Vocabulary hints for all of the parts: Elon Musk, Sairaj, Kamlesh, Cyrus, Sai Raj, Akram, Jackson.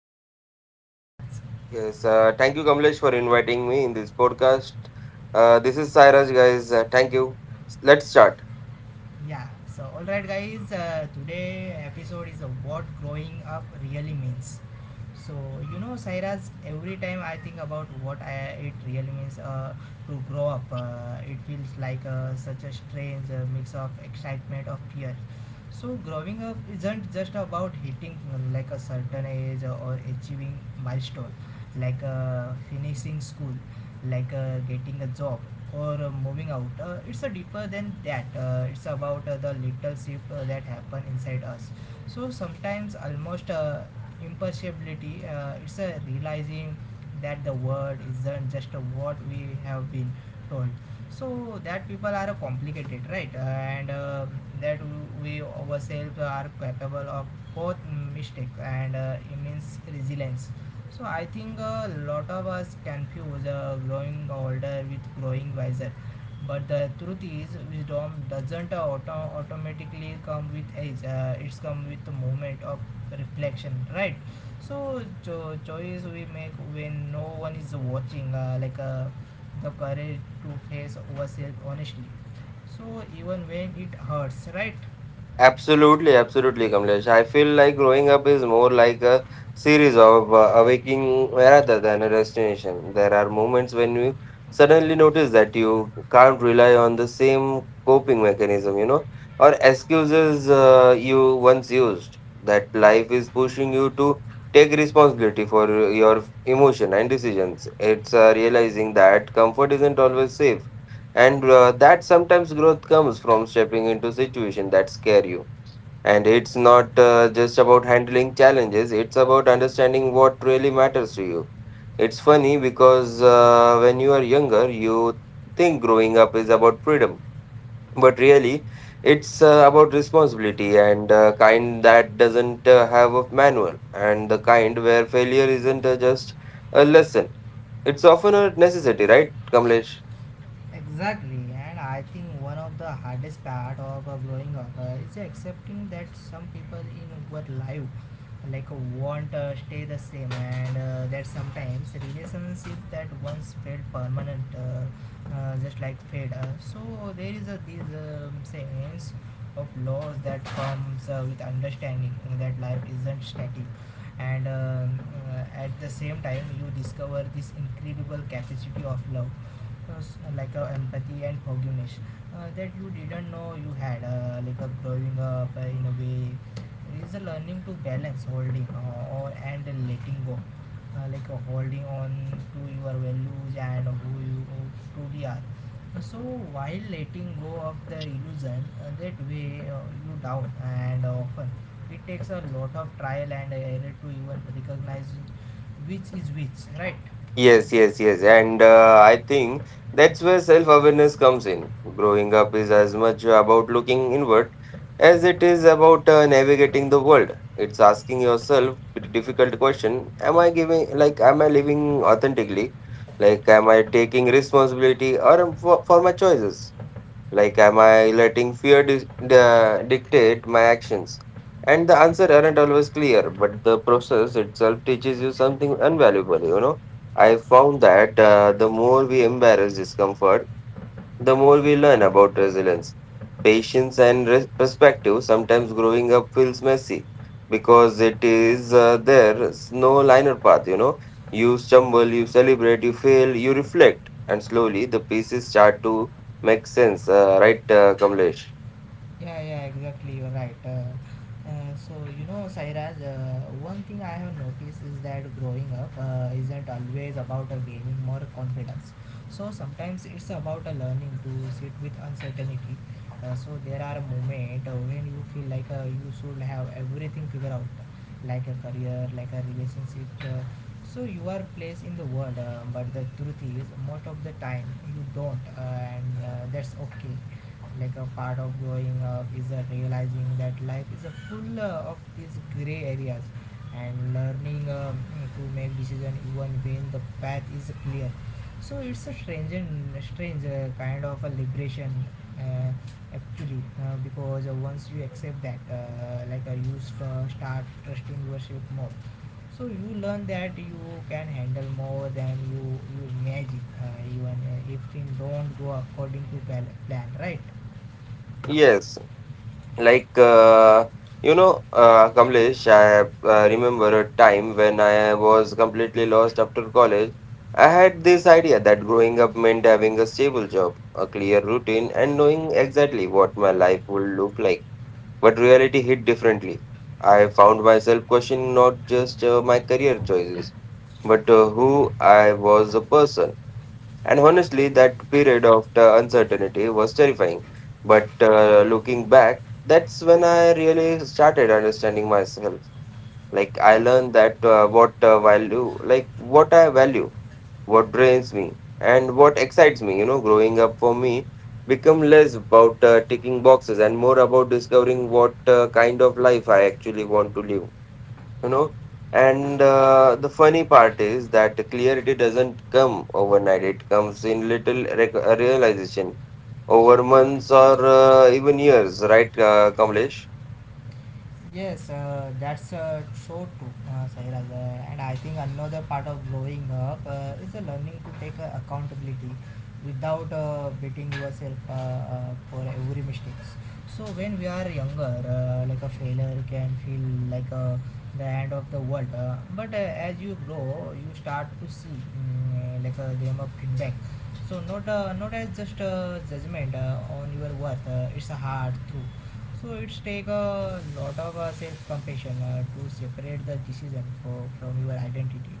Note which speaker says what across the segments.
Speaker 1: and with me Sai Raj.
Speaker 2: Yes, thank you, Kamlesh, for inviting me in this podcast. This is Sairaj, guys. Thank you. Let's start.
Speaker 1: Yeah, so alright guys, today episode is what growing up really means. So you know, Sairaj, every time I think about what I, it really means to grow up, it feels like such a strange mix of excitement of fear. So growing up isn't just about hitting like a certain age or achieving milestone, like finishing school, like getting a job or moving out. It's a deeper than that. It's about the little shift that happen inside us, so sometimes almost impossibility, it's a realizing that the world isn't just what we have been told. So that people are complicated, right, and that we ourselves are capable of both mistakes and immense resilience. So I think a lot of us confuse growing older with growing wiser, but the truth is wisdom doesn't automatically come with age, it's come with the moment of reflection, right? So choice we make when no one is watching, like the courage to face ourselves honestly, so even when it hurts, right?
Speaker 2: Absolutely, absolutely, Kamlesh. I feel like growing up is more like a series of awaking rather than a destination. There are moments when you suddenly notice that you can't rely on the same coping mechanism, or excuses you once used. That life is pushing you to take responsibility for your emotion and decisions. It's realizing that comfort isn't always safe, and that sometimes growth comes from stepping into situation that scare you, and it's not just about handling challenges, it's about understanding what really matters to you. It's funny because when you are younger, you think growing up is about freedom. But really, it's about responsibility and kind that doesn't have a manual, and the kind where failure isn't just a lesson. It's often a necessity, right, Kamlesh?
Speaker 1: Exactly, and I think one of the hardest part of growing up is accepting that some people in our life like want stay the same, and that sometimes relationships that once felt permanent just like fade. So there is a this sense of loss that comes with understanding that life isn't static, and at the same time you discover this incredible capacity of love, uh, like empathy and forgiveness, that you didn't know you had, like growing up in a way is a learning to balance holding or and letting go, like holding on to your values and who you truly are, so while letting go of the illusion that weigh you down, and often it takes a lot of trial and error to even recognize which is which, right?
Speaker 2: Yes, yes, yes. And I think that's where self awareness comes in. Growing up is as much about looking inward as it is about navigating the world. It's asking yourself a difficult question. Am I living authentically? Like, am I taking responsibility for my choices? Like, am I letting fear dictate my actions? And the answer aren't always clear, but the process itself teaches you something invaluable. I found that the more we embrace discomfort, the more we learn about resilience, patience, and perspective. Sometimes growing up feels messy because it is there's no liner path. You stumble, you celebrate, you fail, you reflect, and slowly the pieces start to. Makes sense, right, Kamlesh?
Speaker 1: Yeah, yeah, exactly. You're right. So you know, Sairaj, one thing I have noticed is that growing up isn't always about gaining more confidence. So sometimes it's about learning to sit with uncertainty. So there are moments when you feel like you should have everything figured out, like a career, like a relationship. So you are placed in the world, but the truth is, most of the time you don't, and that's okay. Like a part of growing up is a realizing that life is a full of these gray areas and learning to make decision even when the path is clear. So it's a strange kind of a liberation, uh, actually, because once you accept that, like you start trusting yourself more, so you learn that you can handle more than you imagine, even if things don't go according to plan, right?
Speaker 2: Yes, like, Kamlesh, I remember a time when I was completely lost after college. I had this idea that growing up meant having a stable job, a clear routine, and knowing exactly what my life would look like. But reality hit differently. I found myself questioning not just my career choices, but who I was a person. And honestly, that period of the uncertainty was terrifying. But looking back, that's when I really started understanding myself. Like I learned that what value, like what I value, what drains me, and what excites me. Growing up for me become less about ticking boxes and more about discovering what kind of life I actually want to live you know and uh, the funny part is that the clarity doesn't come overnight. It comes in little realization over months or even years, right, Kamlesh?
Speaker 1: Yes, that's so true, Sairaj. And I think another part of growing up is learning to take accountability without beating yourself for every mistakes. So when we are younger, like a failure can feel like the end of the world. But as you grow, you start to see like them a feedback. So not as just judgment on your worth. It's a hard truth, so it's take a lot of self-compassion to separate the decision for, from your identity.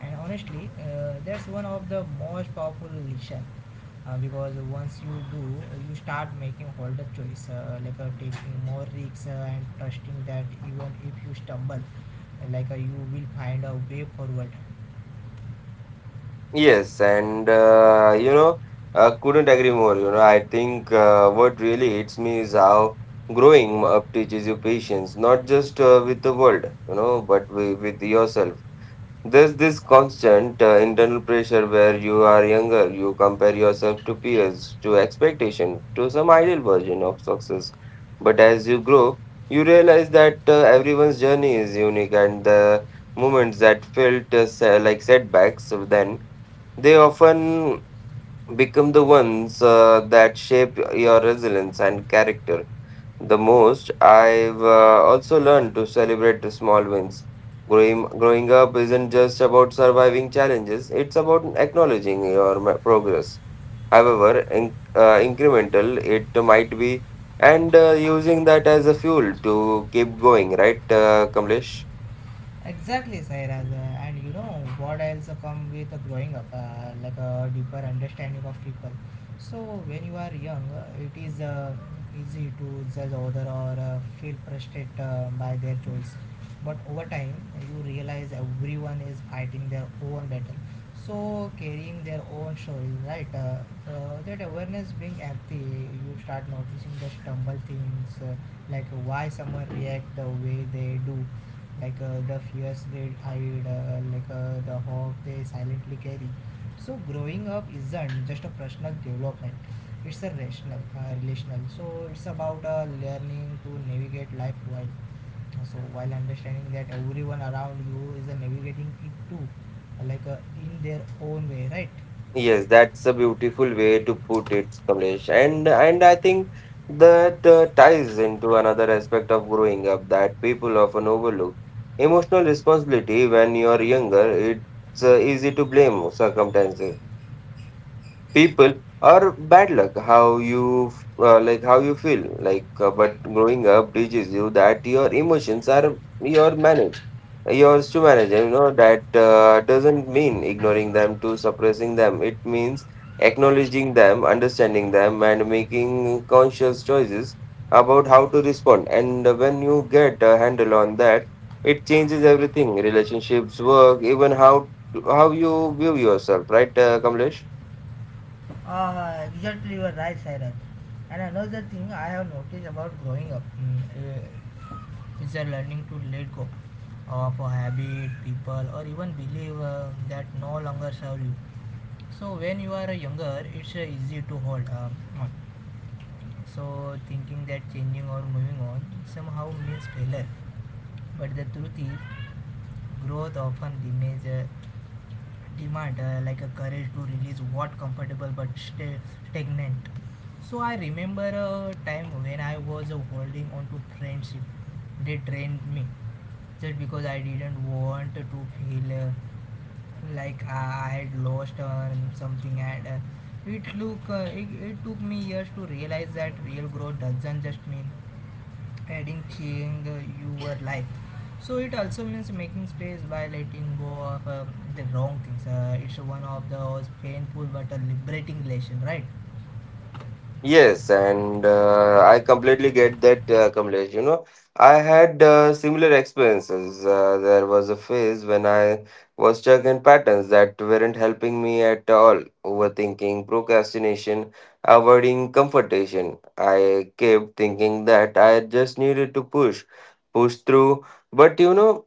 Speaker 1: And honestly, that's one of the most powerful lesson, because once you do, you start making harder choice, like taking more risks and trusting that even if you stumble, like you will find a way forward.
Speaker 2: Yes, and I couldn't agree more. I think what really hits me is how growing up teaches you patience, not just with the world, but with yourself. There's this constant internal pressure where you are younger, you compare yourself to peers, to expectation, to some ideal version of success. But as you grow, you realize that everyone's journey is unique, and the moments that felt like setbacks then, they often become the ones that shape your resilience and character the most. I've also learned to celebrate the small wins. Growing up isn't just about surviving challenges, it's about acknowledging your progress. However, incremental it might be, and using that as a fuel to keep going, right, Kamlesh?
Speaker 1: Exactly, Sairaj. And you know what also come with growing up, like a deeper understanding of people. So when you are young, it is easy to judge other or feel frustrated by their choice. But over time, you realize everyone is fighting their own battle. So carrying their own story, right? So that awareness being empty, you start noticing the stumble things, like why someone react the way they do, like the fears they hide, like the hope they silently carry. So growing up isn't just a personal development; it's a rational, relational. So it's about learning to navigate life while so while understanding that everyone around you is navigating it too, like in their own way, right?
Speaker 2: Yes, that's a beautiful way to put it, Kamlesh. And I think that ties into another aspect of growing up that people often overlook. Emotional responsibility: when you are younger, it's easy to blame circumstances, people, or bad luck how you how you feel. But growing up teaches you that your emotions are your manage yours to manage. That doesn't mean ignoring them to suppressing them. It means acknowledging them, understanding them, and making conscious choices about how to respond. And when you get a handle on that, it changes everything, relationships work, even how you view yourself, right, Kamlesh?
Speaker 1: Exactly, you are right, Cyrus. And another thing I have noticed about growing up. Yeah. It's a learning to let go of a habit, people, or even believe that no longer serve you. So when you are younger, it's easy to hold on. So thinking that changing or moving on somehow means failure. But the truth is, growth often demand like a courage to release what comfortable but stay stagnant. So I remember a time when I was holding on to friendship. They drained me just because I didn't want to feel like I had lost something. And it it took me years to realize that real growth doesn't just mean adding thing your life. So it also means making space by letting go of the wrong things. It's one of those painful but liberating lesson, right?
Speaker 2: Yes, and I completely get that, Kamlesh. I had similar experiences. There was a phase when I was stuck in patterns that weren't helping me at all. Overthinking, procrastination, avoiding confrontation. I kept thinking that I just needed to push through. But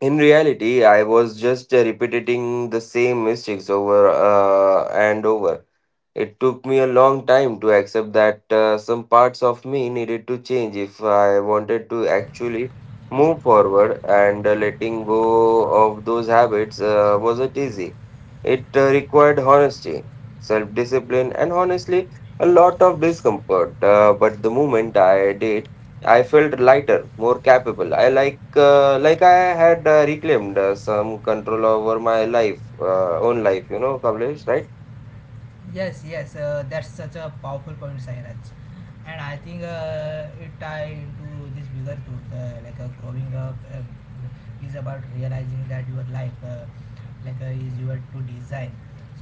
Speaker 2: in reality, I was just repeating the same mistakes over and over. It took me a long time to accept that some parts of me needed to change if I wanted to actually move forward, and letting go of those habits wasn't easy. It required honesty, self discipline, and honestly, a lot of discomfort. But the moment I did, I felt lighter, more capable. I like I had reclaimed some control over my own life. You know, Kamlesh, right?
Speaker 1: Yes, yes, that's such a powerful point, Sairaj. And I think it tied to this bigger truth, like growing up is about realizing that your life, like is your to design.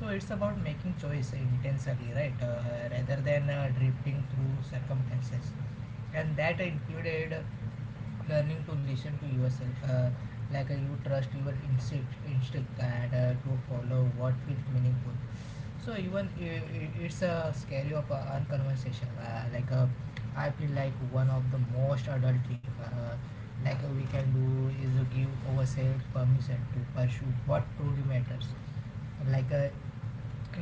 Speaker 1: So it's about making choice intentionally, right, rather than drifting through circumstances. And that included learning to listen to yourself, like you trust your instinct and to follow what feels meaningful, so even I it's a scary of a conversation. I feel like one of the most adult thing, like we can do is to give ourselves permission to pursue what truly matters. Like uh,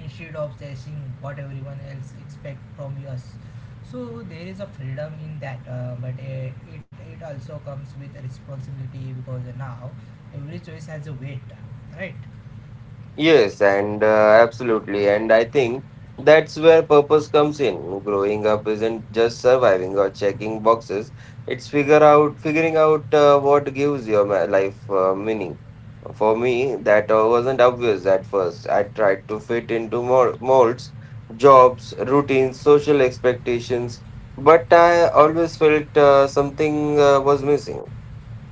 Speaker 1: Instead of chasing what everyone else expect from us. So there is a freedom in that, but it also comes with a responsibility because now every choice has a weight, right?
Speaker 2: Yes, and absolutely. And I think that's where purpose comes in. Growing up isn't just surviving or checking boxes. It's figure out figuring out what gives your life meaning. For me, that wasn't obvious at first. I tried to fit into molds, jobs, routines, social expectations, but I always felt something was missing.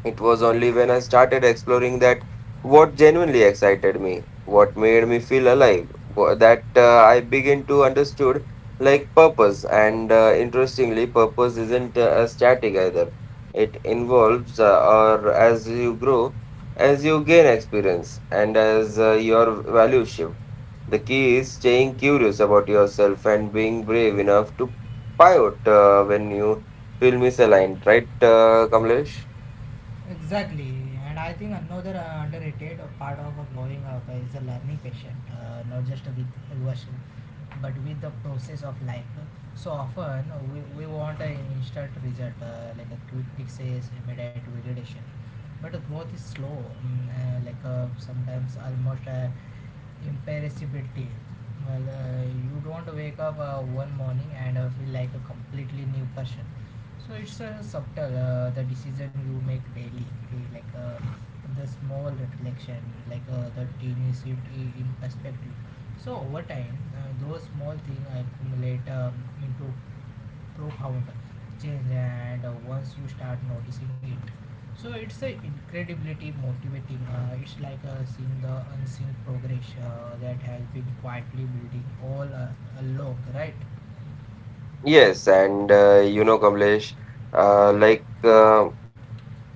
Speaker 2: It was only when I started exploring that what genuinely excited me, what made me feel alive, that I began to understood like purpose. And interestingly, purpose isn't static either. It involves, or as you grow, as you gain experience, and as your values shift. The key is staying curious about yourself and being brave enough to pivot when you feel misaligned. Right, Kamlesh?
Speaker 1: Exactly, and I think another underrated part of a growing up is a learning patient, not just with version, but with the process of life. So often we want an instant result, like a quick fixes, immediate validation. But growth is slow, like sometimes almost Imperishability. Well, you don't wake up one morning and feel like a completely new person. So it's subtle, the decision you make daily, like the small reflection, like the tiny shift in perspective. So over time, those small things accumulate into profound change. And once you start noticing it, so it's a incredibly motivating, it's like seeing the unseen progress that has been quietly building all along, right?
Speaker 2: Yes, and Kamlesh, uh, like uh,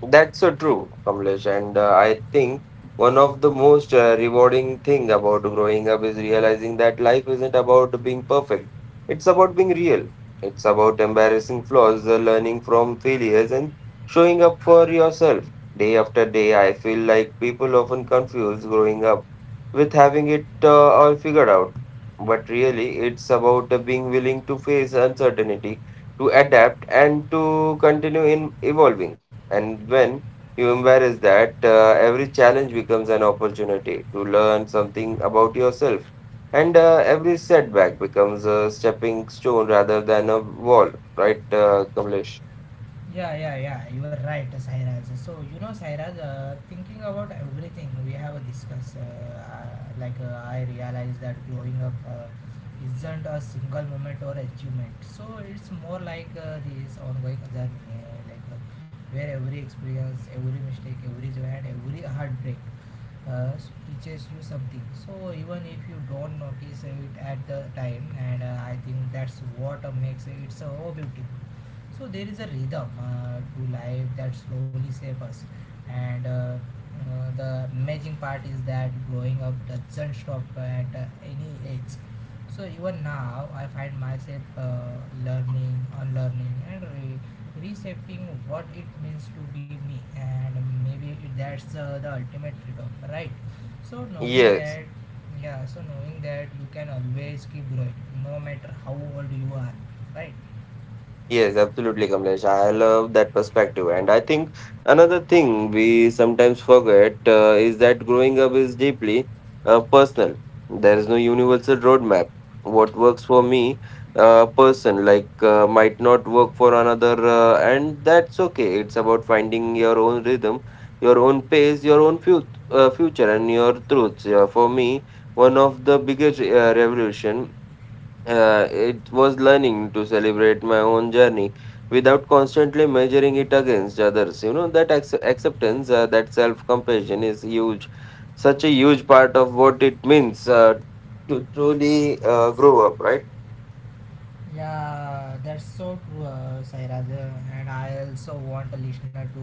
Speaker 2: that's so true, Kamlesh. And I think one of the most rewarding thing about growing up is realizing that life isn't about being perfect. It's about being real. It's about embarrassing flaws, learning from failures, and showing up for yourself. Day after day, I feel like people often confuse growing up with having it all figured out. But really, it's about being willing to face uncertainty, to adapt, and to continue in evolving. And when you embrace that, every challenge becomes an opportunity to learn something about yourself. And every setback becomes a stepping stone rather than a wall, right, Kamlesh?
Speaker 1: Yeah, yeah, yeah. You are right, Sairaj. So you know, Sairaj, thinking about everything we have discussed, like I realize that growing up isn't a single moment or achievement. So it's more like this ongoing journey, like where every experience, every mistake, every joy, and every heartbreak uh, teaches you something, so even if you don't notice it at the time. And I think that's what makes it so beautiful. So there is a rhythm to life that slowly shapes us, and the amazing part is that growing up doesn't stop at any age. So even now I find myself learning, unlearning, and reshaping what it means to be me. And maybe that's the ultimate freedom, right? So knowing
Speaker 2: Yes.
Speaker 1: that, yeah, so knowing that you can always keep growing, no matter how old you are, right?
Speaker 2: Yes, absolutely, Kamlesh. I love that perspective. And I think another thing we sometimes forget is that growing up is deeply personal. There is no universal roadmap. What works for me, person, like might not work for another, and that's okay. It's about finding your own rhythm, your own pace, your own future, and your truths. Yeah, for me, one of the biggest revolution it was learning to celebrate my own journey without constantly measuring it against others. That acceptance, that self compassion is huge, such a huge part of what it means to truly grow up, right?
Speaker 1: Yeah, that's so true, Sairaj. And I also want a listener to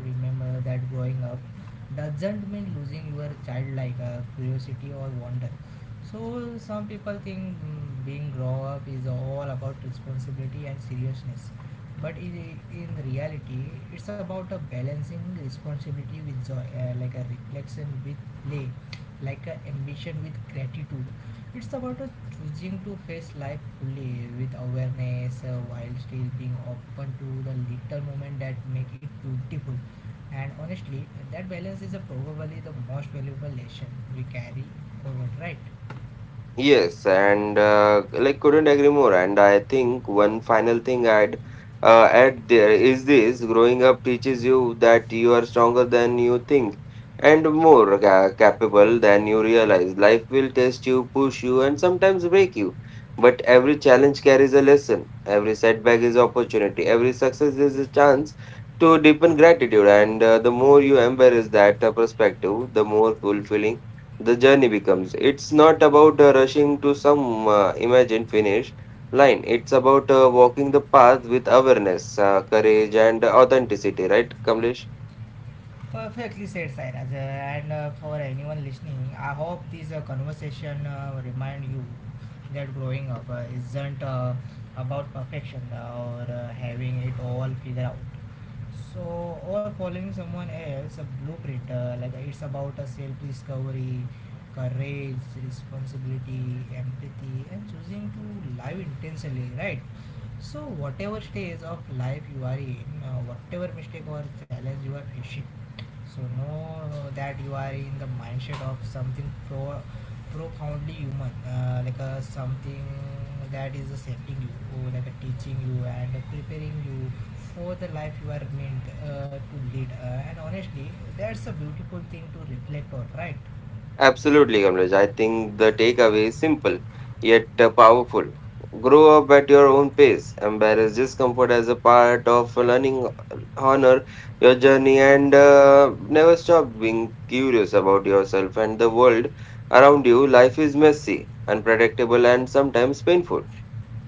Speaker 1: remember that growing up doesn't mean losing your childlike curiosity or wonder. So some people think being grown up is all about responsibility and seriousness, but in reality, it's about a balancing responsibility with joy, like a reflection with play, like a ambition with gratitude. It's about choosing to face life fully with awareness while still being open to the little moment that make it beautiful. And honestly, that balance is probably the most valuable lesson we carry forward, right?
Speaker 2: Yes, and like couldn't agree more. And I think one final thing I'd add there is this: growing up teaches you that you are stronger than you think, and more capable than you realize. Life will test you, push you, and sometimes break you. But every challenge carries a lesson. Every setback is opportunity. Every success is a chance to deepen gratitude. And the more you embrace that perspective, the more fulfilling the journey becomes. It's not about rushing to some imagined finish line. It's about walking the path with awareness, courage, and authenticity, right, Kamlesh?
Speaker 1: Perfectly said, Sairaj. And For anyone listening, I hope this conversation remind you that growing up isn't about perfection or having it all figured out. So, or following someone else, a blueprint, like it's about a self discovery, courage, responsibility, empathy, and choosing to live intentionally, right? So, whatever stage of life you are in, whatever mistake or challenge you are facing, so know that you are in the mindset of something profoundly human, like a something that is shaping you, or like a teaching you and preparing you for the life you are meant to lead. And honestly, that's a beautiful thing to reflect on, right?
Speaker 2: Absolutely, Kamlesh. I think the takeaway is simple yet powerful. Grow up at your own pace. Embrace discomfort as a part of learning. Honor your journey, and never stop being curious about yourself and the world around you. Life is messy, unpredictable, and sometimes painful,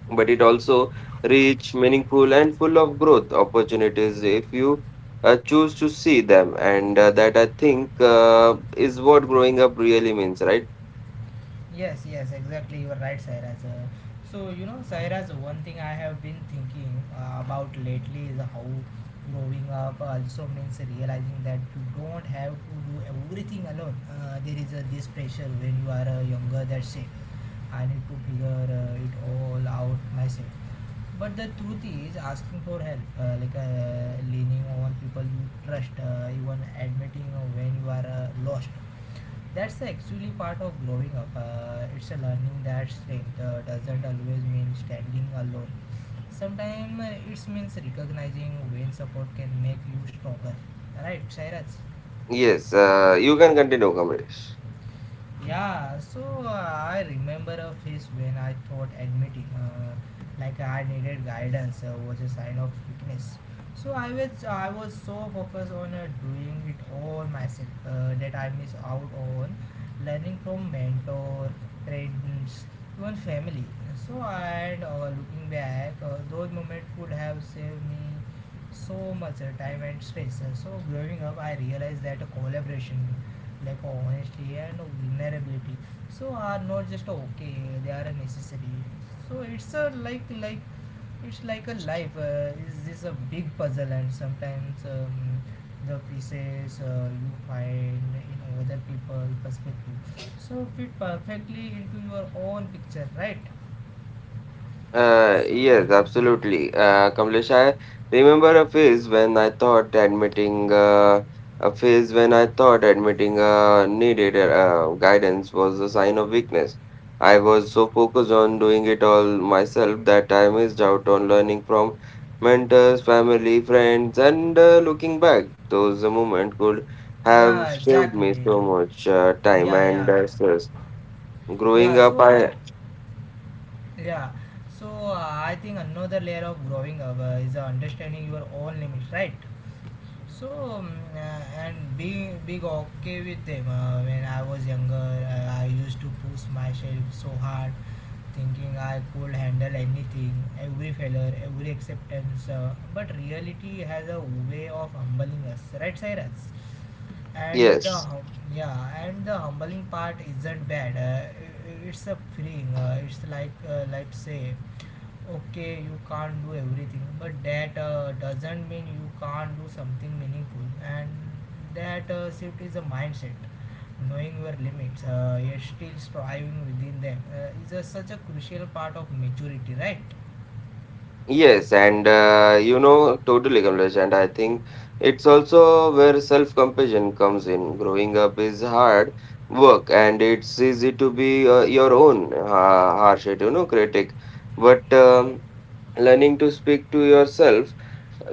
Speaker 2: but it also rich, meaningful, and full of growth opportunities if you choose to see them. And that, I think, is what growing up really means, right?
Speaker 1: Yes, yes, exactly. You are right, Sairaj. So, you know, Sairaj, one thing I have been thinking about lately is how growing up also means realizing that you don't have to do everything alone. There is this pressure when you are younger that say, I need to figure it all out myself. But the truth is, asking for help, like leaning on people you trust, even admitting when you are lost, that's actually part of growing up. It's a learning that strength doesn't always mean standing alone. Sometimes it means recognizing when support can make you stronger. Right, Shairaj?
Speaker 2: Yes, you can continue, Kamlesh.
Speaker 1: Yeah, so I remember a phase when I thought admitting, like I needed guidance, was a sign of weakness. So I was so focused on doing it all myself that I missed out on learning from mentor, friends, even family. And looking back, those moments could have saved me so much time and stress. So growing up, I realized that a collaboration, like honesty and vulnerability, so are not just okay, they are necessary. So it's a like like it's like a life is this a big puzzle, and sometimes the pieces you find in other people perspective so fit perfectly into your own picture, right?
Speaker 2: Yes, absolutely. Kamlesh, I remember a phase when I thought admitting a phase when I thought admitting needed guidance was a sign of weakness. I was so focused on doing it all myself that I missed out on learning from mentors, family, friends, and looking back, those moments could
Speaker 1: Yeah,
Speaker 2: have saved
Speaker 1: exactly.
Speaker 2: me so much time
Speaker 1: Yeah,
Speaker 2: and
Speaker 1: yeah,
Speaker 2: stress. Growing
Speaker 1: yeah. So
Speaker 2: up, I—
Speaker 1: yeah, so I think another layer of growing up is understanding your own limits, right? So, um, uh, and being being okay with them. When I was younger, I used to push myself so hard, thinking I could handle anything, every failure, every acceptance. But reality has a way of humbling us, right, Cyrus? And the
Speaker 2: Yes.
Speaker 1: hum- yeah, and the humbling part isn't bad. It's a freeing. It's like say okay, you can't do everything, but that doesn't mean you can't do something meaningful, and that shift is a mindset. Knowing your limits yet still striving within them is a, such a crucial part of maturity, right?
Speaker 2: Yes, and totally, Kamlesh, and I think it's also where self-compassion comes in. Growing up is hard work, and it's easy to be your own harsh, critic. But learning to speak to yourself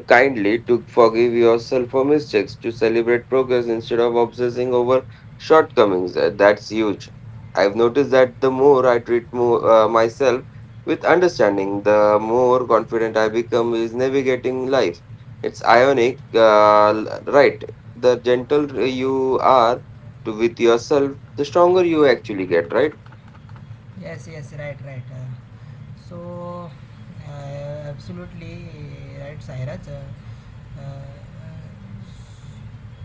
Speaker 2: kindly to forgive yourself for mistakes, to celebrate progress instead of obsessing over shortcomings. That's huge. I've noticed that the more I treat myself with understanding, the more confident I become is navigating life. It's ironic, right? The gentle you are to with yourself, the stronger you actually get, right?
Speaker 1: Yes, yes, right, right. So Absolutely right, Cyrus. Uh,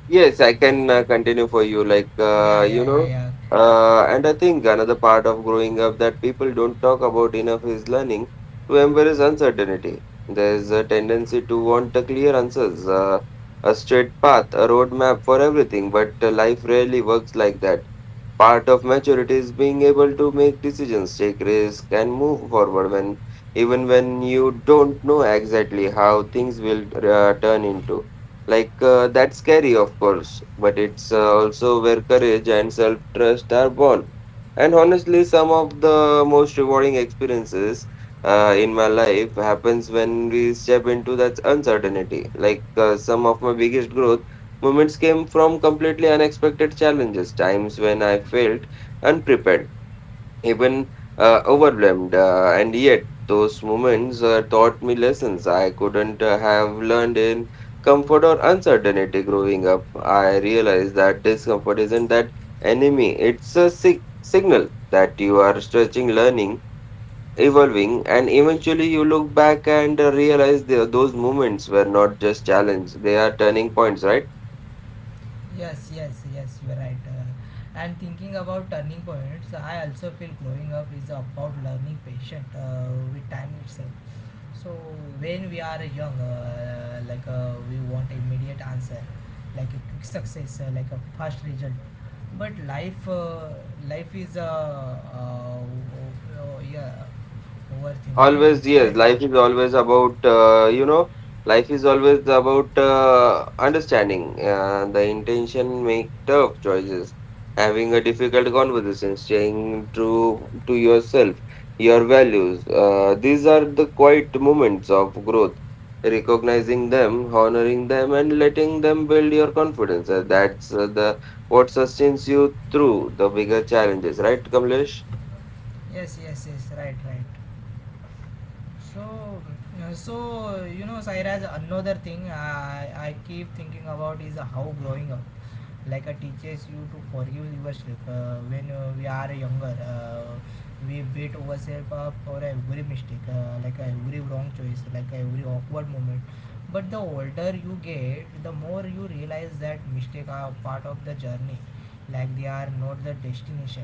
Speaker 2: Yes, I can continue for you. Like,
Speaker 1: yeah, yeah, yeah, yeah.
Speaker 2: and I think another part of growing up that people don't talk about enough is learning to embrace uncertainty. There's a tendency to want a clear answers, a straight path, a roadmap for everything, but life rarely works like that. Part of maturity is being able to make decisions, take risks, and move forward when even when you don't know exactly how things will turn into. That's scary, of course, but it's also where courage and self trust are born. And honestly, some of the most rewarding experiences in my life happens when we step into that uncertainty. Some of my biggest growth moments came from completely unexpected challenges, times when I felt unprepared even overwhelmed. And yet, those moments taught me lessons I couldn't have learned in comfort or uncertainty growing up. I realized that discomfort isn't that enemy, it's a signal that you are stretching, learning, evolving, and eventually you look back and realize those moments were not just challenges, they are turning points, right?
Speaker 1: Yes, yes, yes, you are right. And thinking about turning points, I also feel growing up is about learning patient with time itself. So when we are young, like we want immediate answer, like a quick success, like a fast result. But life is a yeah, overthink, right?
Speaker 2: Always,
Speaker 1: Right?
Speaker 2: yes, life is always about uh, life is always about understanding the intention make tough choices having a difficult conversation staying true to yourself your values these are the quiet moments of growth recognizing them honoring them and letting them build your confidence. That's the what sustains you through the bigger challenges, right, Kamlesh?
Speaker 1: Yes, yes, yes, right, right. So, so you know, Sairaj, another thing I keep thinking about is how growing up like a teaches you to forgive yourself when we are younger, we beat ourselves up for every mistake, like every wrong choice, like every awkward moment. But the older you get, the more you realize that mistakes are part of the journey, like they are not the destination.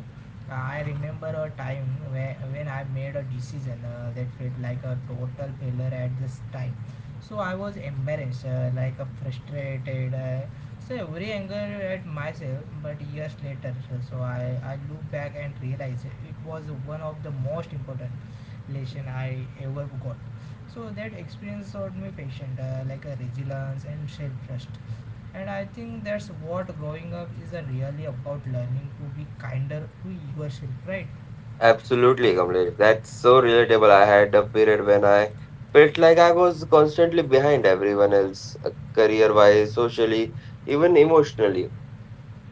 Speaker 1: I remember a time when I made a decision that felt like a total failure at this time. So I was embarrassed, like frustrated, so every anger at myself. But years later, so I look back and realize it was one of the most important lesson I ever got. So that experience taught me patience, like a resilience and self trust. And I think that's what growing up is a really about, learning to be kinder to yourself, right?
Speaker 2: Absolutely, Kamlesh. That's so relatable. I had a period when I felt like I was constantly behind everyone else, career-wise, socially, even emotionally.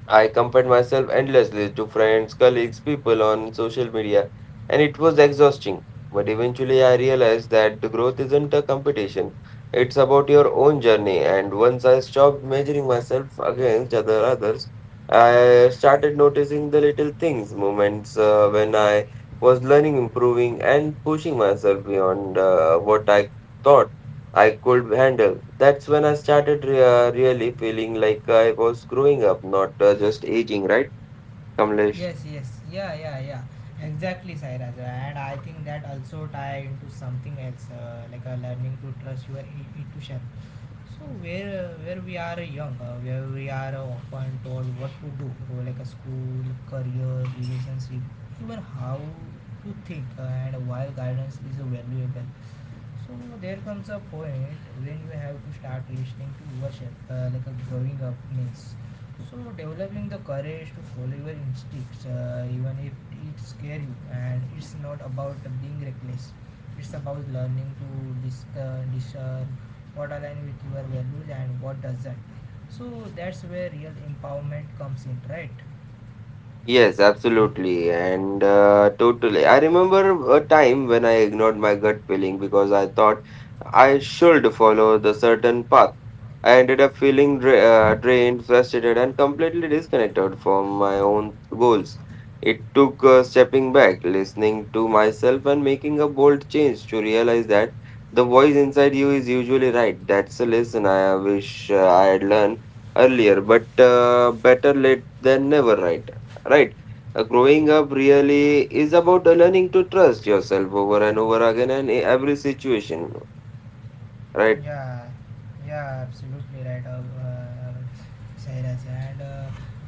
Speaker 2: I compared myself endlessly to friends, colleagues, people on social media, and it was exhausting. But eventually, I realized that the growth isn't a competition, it's about your own journey. And once I stopped measuring myself against other others, I started noticing the little things, moments when I was learning, improving, and pushing myself beyond what I thought I could handle. That's when I started really feeling like I was growing up, not just aging, right, Kamlesh?
Speaker 1: Yes, yes, yeah, yeah, yeah. Exactly, Sairaj. And I think that also tie into something else, like a learning to trust your intuition. Where we are young, where we are often told what to do, like a school, career, relationship, even how to think. And while guidance is valuable, so there comes a point when you have to start listening to yourself, like a growing up means. So developing the courage to follow your instincts, even if it scares you, and it's not about being reckless. It's about learning to discern what aligns with your values and what doesn't. So that's where real empowerment comes in, right?
Speaker 2: Yes, absolutely. And totally. I remember a time when I ignored my gut feeling because I thought I should follow the certain path. I ended up feeling drained, frustrated, and completely disconnected from my own goals. It took stepping back, listening to myself, and making a bold change to realize that the voice inside you is usually right. That's a lesson I wish I had learned earlier, but better late than never, right? Right. Growing up really is about learning to trust yourself over and over again and in every situation, right?
Speaker 1: Yeah, yeah, absolutely right, Sairaj. And uh,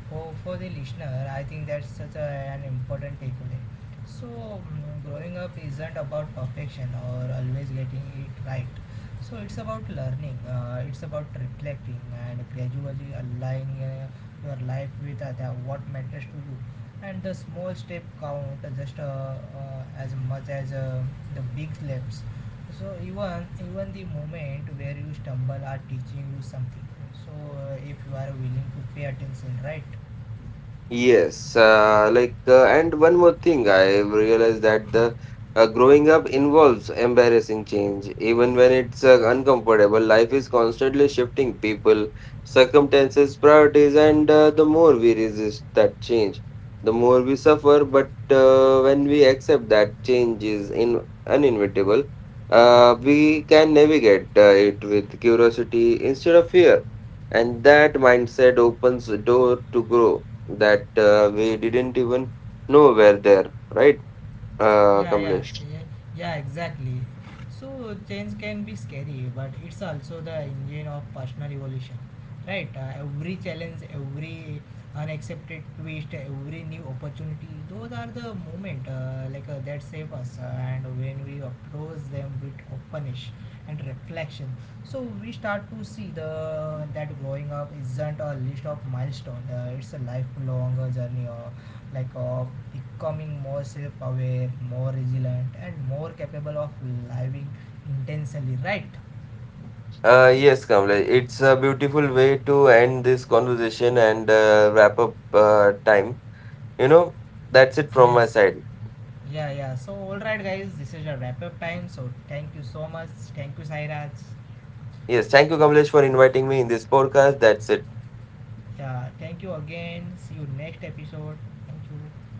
Speaker 1: for, for the listener, I think that's such a, an important takeaway. So, mm, growing up isn't about perfection or always getting it right. So, it's about learning, it's about reflecting and gradually aligning your life with what matters to you. And the small step count just as much as the big steps. So even the moment where you stumble are teaching you something. So if you are willing to pay attention, right?
Speaker 2: Yes, and one more thing, I've realized that the growing up involves embarrassing change, even when it's uncomfortable. Life is constantly shifting people, circumstances, priorities, and the more we resist that change, the more we suffer. But when we accept that change is in uninevitable, we can navigate it with curiosity instead of fear, and that mindset opens the door to grow that we didn't even know were there, right,
Speaker 1: Yeah, yeah,
Speaker 2: Kamlesh?
Speaker 1: yeah. Yeah, exactly. So change can be scary, but it's also the engine of personal evolution, right? Every challenge, every unaccepted twist, every new opportunity, those are the moment like that save us. And when we approach them with openness and reflection, so we start to see the that growing up isn't a list of milestones, it's a lifelong journey, like of becoming more self-aware, more resilient, and more capable of living intensely, right?
Speaker 2: Yes, Kamlesh, it's a beautiful way to end this conversation and wrap up time. You know, that's it from my
Speaker 1: Yes,
Speaker 2: side.
Speaker 1: yeah, yeah. So all right, guys, this is a wrap up time. So thank you so much. Thank you, Sairaj.
Speaker 2: Yes, thank you, Kamlesh, for inviting me in this podcast. That's it.
Speaker 1: Yeah, thank you again. See you next episode. Thank you.